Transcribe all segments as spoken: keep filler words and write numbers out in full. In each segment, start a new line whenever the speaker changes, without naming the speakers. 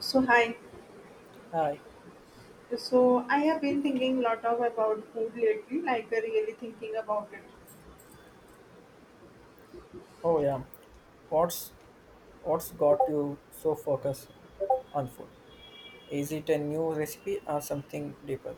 So hi.
Hi.
So I have been thinking a lot of about food lately, like uh, really thinking about it.
Oh yeah. What's what's got you so focused on food? Is it a new recipe or something deeper?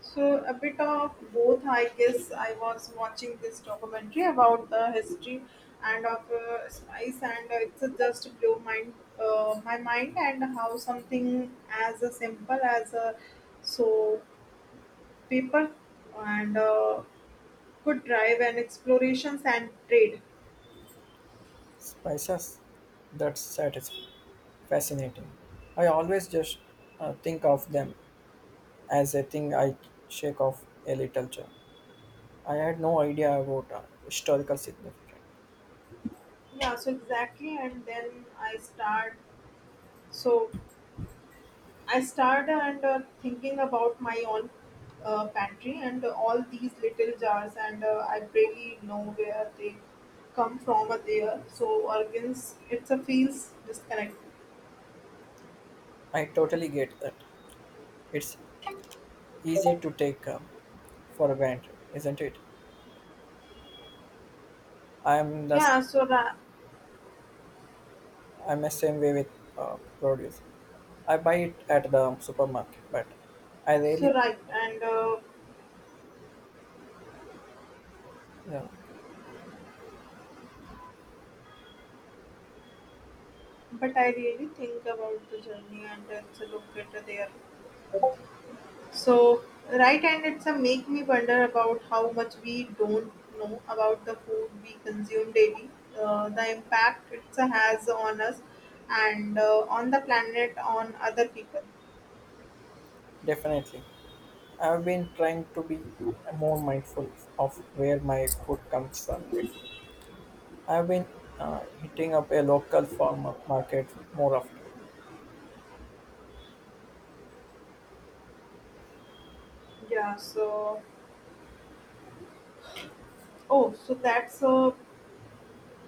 So a bit of both, I guess. I was watching this documentary about the history and of uh, spice, and uh, it's uh, just blew mind uh, my mind and how something as uh, simple as a so paper and uh, could drive and explorations and trade.
Spices? That's satisfying. Fascinating. I always just uh, think of them as a thing I shake off a little jar. I had no idea about uh, historical significance.
Yeah, so exactly, and then I start so I started and uh, thinking about my own uh, pantry and all these little jars, and uh, I barely know where they come from or they are so organs. It's a feels disconnect.
I totally get that. It's easy to take uh, for granted, isn't it? I'm the
Yeah, so ra-
I'm the same way with uh, produce. I buy it at the supermarket, but I really,
so right, and uh,
yeah,
but I really think about the journey and uh, it's a look at their so right, and it's a make me wonder about how much we don't know about the food we consume daily, uh, the impact it has on us, and uh, on the planet, on other people.
definitely. I've been trying to be more mindful of where my food comes from lately. I've been uh, hitting up a local farmer market more often.
Yeah. So, oh, so that's a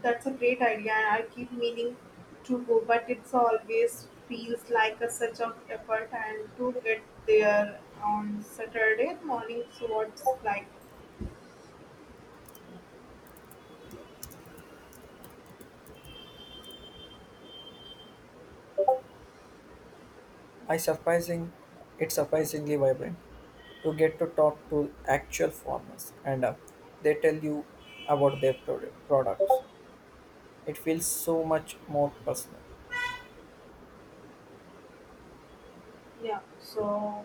that's a great idea, and I keep meaning to go, but it's always feels like a such of effort and to get there on Saturday morning. So, what's like?
I surprising, it's surprisingly vibrant. You get to talk to actual farmers, and uh, they tell you about their produ- products. It feels so much more personal.
Yeah. So,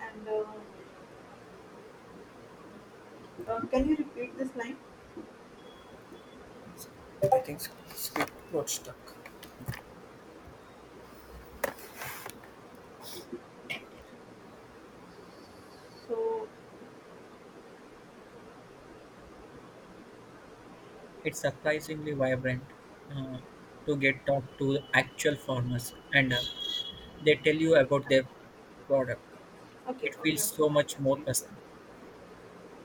and. Uh, Uh, can you repeat this line?
I think s- script got stuck.
So,
It's surprisingly vibrant uh, to get talk to actual farmers and uh, they tell you about their product.
okay,
It
okay,
feels so
okay, I
much
can
more
see.
personal.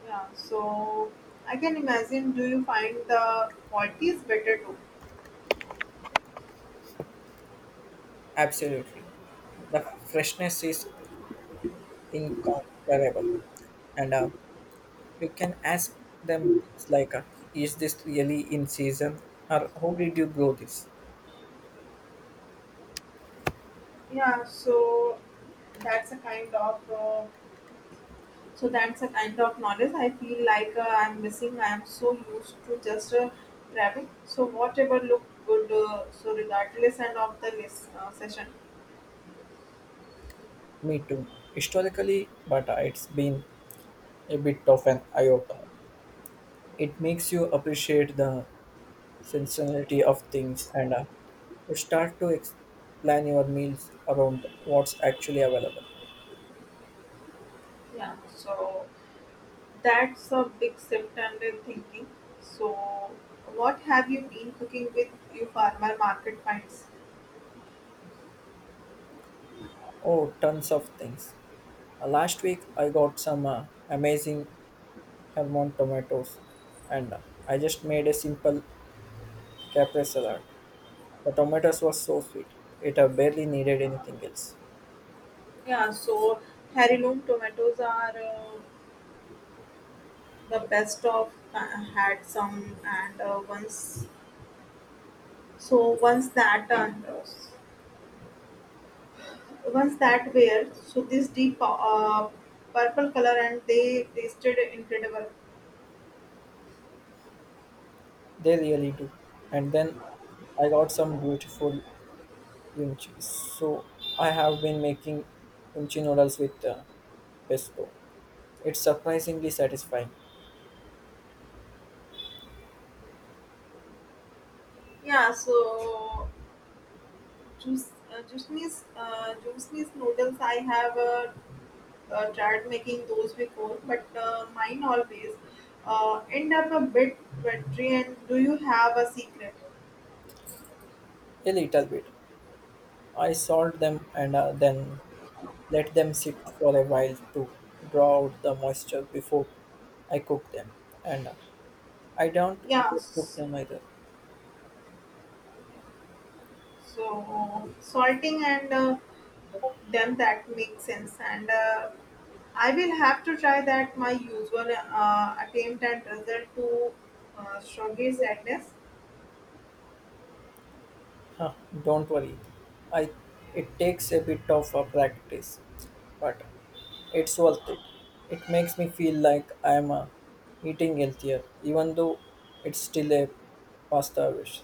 Yeah, so I can imagine. Do you find the quality is better too?
Absolutely. The freshness is incomparable. And uh, you can ask them things like, uh, is this really in season? Or how did you grow this?
Yeah, so that's a kind of uh, so that's a kind of knowledge. I feel like uh, I'm missing. I am so used to just uh, grabbing. So whatever looked good. Uh, so regardless and of the list, uh, session.
Me too. Historically, but uh, it's been a bit of an eye opener. It makes you appreciate the seasonality of things, and uh, you start to ex- plan your meals around what's actually available.
Yeah. So that's a big shift and in thinking. So, what have you been cooking with your farmer market finds?
Oh, tons of things. Uh, last week I got some uh, amazing Hermon tomatoes, and uh, I just made a simple caprese salad. The tomatoes were so sweet. It uh, barely needed anything else.
Yeah, so heirloom tomatoes are uh, the best of I had some and uh, once so once that and uh, once that were so this deep uh, purple color and they tasted incredible.
They really do. And then I got some beautiful yumchi. So I have been making yumchi noodles with uh, pesto. It's surprisingly satisfying.
Yeah, so juice, uh, juice, uh, juice noodles I have. Uh, uh, tried making those before, but uh, mine always uh, end up a bit watery. And do you have a secret?
A little bit. I salt them and uh, then let them sit for a while to draw out the moisture before I cook them. And uh, I don't
Yeah,
cook
s-
them either.
so salting and uh, them that makes sense. And uh, I will have to try that my usual uh, attempt at result to uh, shogi sadness.
Huh, don't worry. I it takes a bit of uh, practice, but it's worth it. It makes me feel like I'm uh, eating healthier, even though it's still a pasta dish.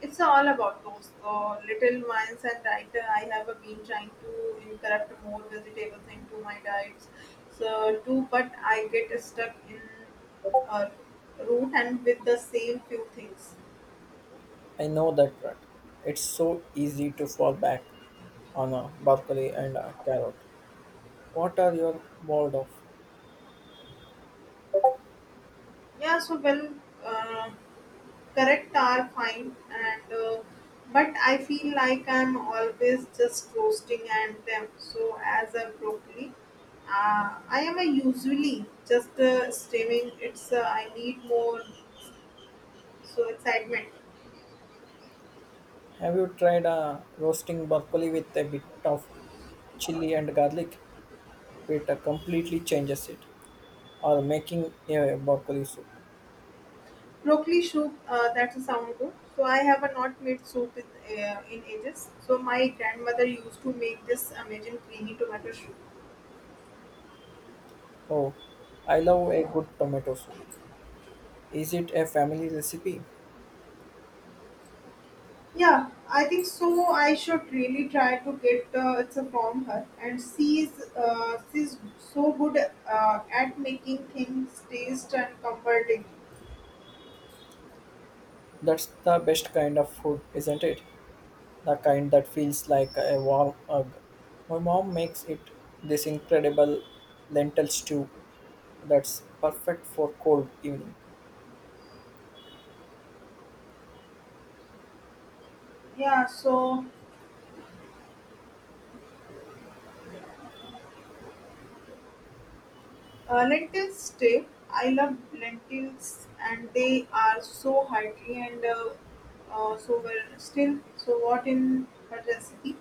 It's all about those uh, little minds and I, I have been trying to incorporate more vegetables into my diets. So too, but I get stuck in uh, root and with the same few things.
I know that trend. It's so easy to fall back on a broccoli and a carrot. What are you bored of?
Yeah, so well, uh, correct are fine and uh, but I feel like I'm always just roasting and them. So as a broccoli, uh, I am a usually just uh, steaming. It's uh, I need more so excitement.
Have you tried uh, roasting broccoli with a bit of chili and garlic? It uh, completely changes it. Or making a broccoli soup.
Broccoli soup, uh, that's a sound good. So I have a not made soup in, uh, in ages. So my grandmother used to make this amazing creamy tomato soup.
Oh, I love a good tomato soup. Is it a family recipe?
Yeah, I think so. I should really try to get uh, it's a from her, and she's uh, she's so good uh, at making things taste and comforting.
That's the best kind of food, isn't it? The kind that feels like a warm hug. My mom makes it this incredible lentil stew that's perfect for cold evening.
Yeah, so Uh, lentil stew. I love lentils, and they are so hearty and uh, uh, so well still. So what in her recipe?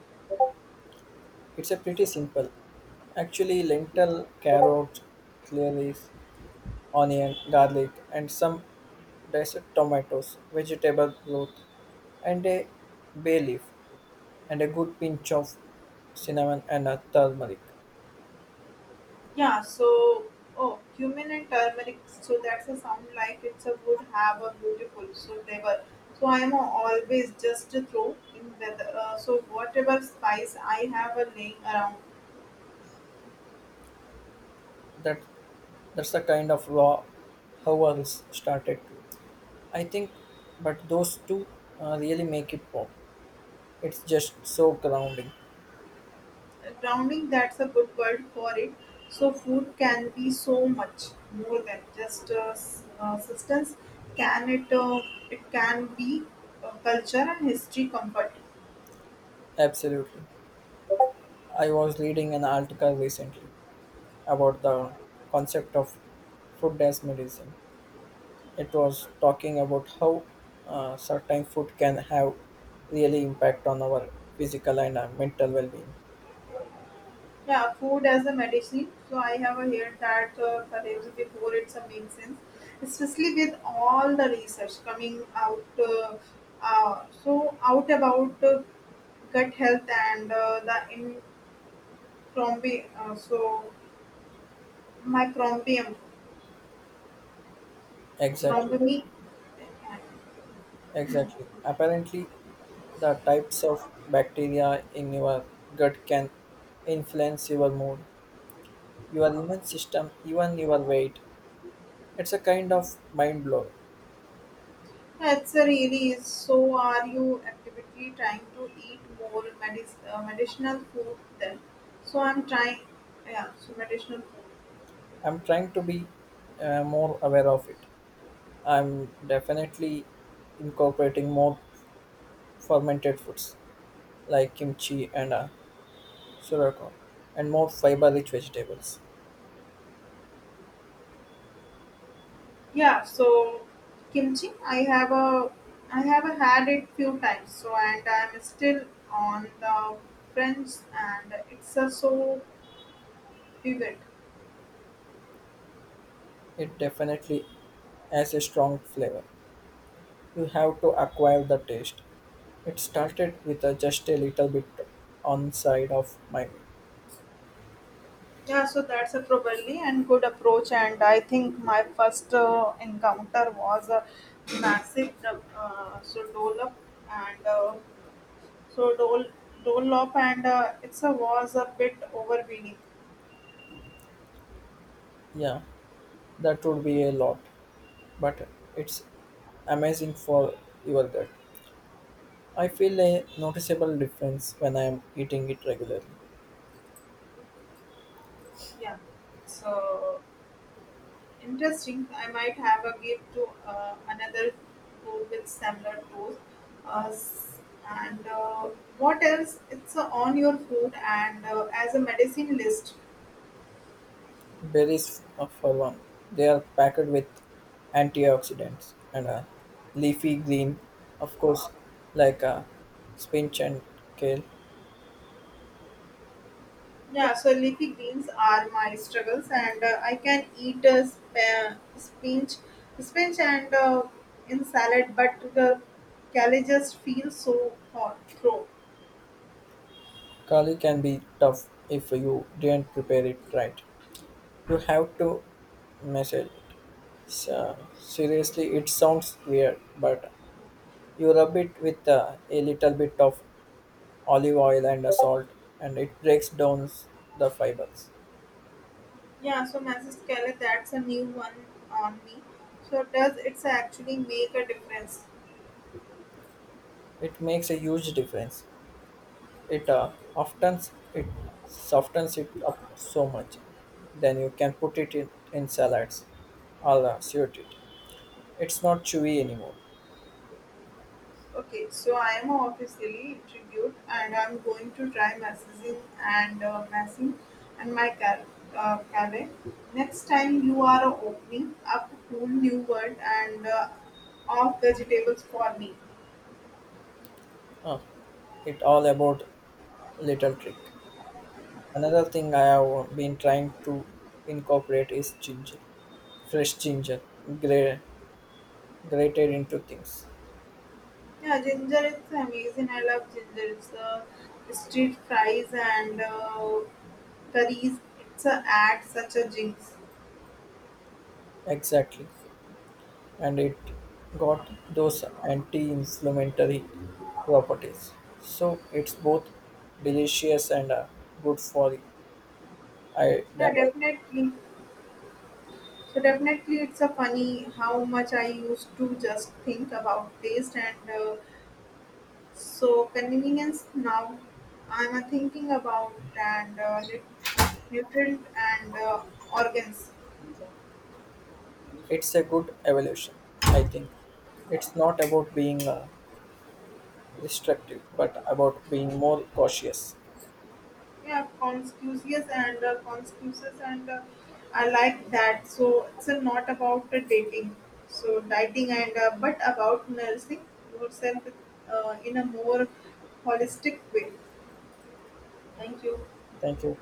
It's a pretty simple. Actually, lentil, carrot, celery, onion, garlic, and some diced tomatoes, vegetable broth, and a bay leaf, and a good pinch of cinnamon and a turmeric.
Yeah. So oh, cumin and turmeric. So that's a sound like it's a would have a beautiful so flavor. So I am always just throw in the uh, so whatever spice I have a laying around.
That that's the kind of raw how I started to. I think, but those two uh, really make it pop. It's just so grounding.
Grounding, that's a good word for it. So food can be so much more than just a s- uh, substance, can it? Uh, it can be uh, culture and history comfort.
Absolutely. I was reading an article recently about the concept of food as medicine. It was talking about how uh, certain food can have really impact on our physical and uh, mental well-being.
Yeah, food as a medicine. So I have a heard that uh, perhaps before it's a make sense, especially with all the research coming out uh, uh, so out about uh, gut health and uh, the in uh, so microbiome.
Exactly. Exactly. Apparently, the types of bacteria in your gut can influence your mood, your immune system, even your weight. It's a kind of mind blow.
Answer really is so are you actively trying to eat more medic- uh, medicinal food then? So I'm trying, yeah, so medicinal food.
I'm trying to be uh, more aware of it. I'm definitely incorporating more fermented foods like kimchi and uh, sugarcane and more fiber rich vegetables.
Yeah, so kimchi, I have a, I have a had it few times. So and I'm still on the French and it's a so vivid.
It definitely has a strong flavor. You have to acquire the taste. It started with uh, just a little bit on side of my meal.
Yeah, so that's a probably and good approach. And I think my first uh, encounter was a massive uh, so dollop and uh, so dol dollop and uh, it's a was a bit overwhelming.
Yeah, that would be a lot, but it's amazing for your gut. I feel a noticeable difference when I am eating it regularly.
Yeah, so interesting. I might have a give to uh, another tool with similar tools. Uh, s- and uh, what else? It's uh, on your food and uh, as a medicine list.
Berries, uh, for one, they are packed with antioxidants, and are leafy green, of course, like uh, spinach and kale.
Yeah, so leafy greens are my struggles, and uh, I can eat uh, sp- uh, spinach, spinach and uh, in salad, but the kale just feels so hot, throw.
Kali can be tough if you didn't prepare it right. You have to measure it. So, seriously, it sounds weird, but you rub it with uh, a little bit of olive oil and a salt, and it breaks down s- the fibers.
Yeah, so masses kale, that's a new one on me. So does it's actually make a difference?
It makes a huge difference. It uh, often s- it softens it up so much, then you can put it in, in salads. I'll uh, suit it. It's not chewy anymore.
Okay, so I am officially intrigued and I'm going to try messaging and uh, messing and my car, uh, cafe. Next time you are opening up a whole new world and uh, of vegetables for me.
uh, it all about little trick. Another thing I have been trying to incorporate is ginger, fresh ginger, gra- grated into things.
Yeah, ginger, it's amazing. I love ginger. It's uh, street fries and uh, curries. It's a add such a jinx.
Exactly, and it got those anti-inflammatory properties. So it's both delicious and uh, good for you. I
Yeah, definitely. So definitely, it's a funny how much I used to just think about taste and uh, so convenience. Now I'm uh, thinking about and uh, nu- nutrient and uh, organs.
it's a good evolution. I think it's not about being uh, restrictive, but about being more cautious.
Yeah, conscious and uh, conscious and uh, I like that. So it's uh, not about uh, dating, so dieting and uh, but about nursing yourself uh, in a more holistic way. Thank you.
Thank you.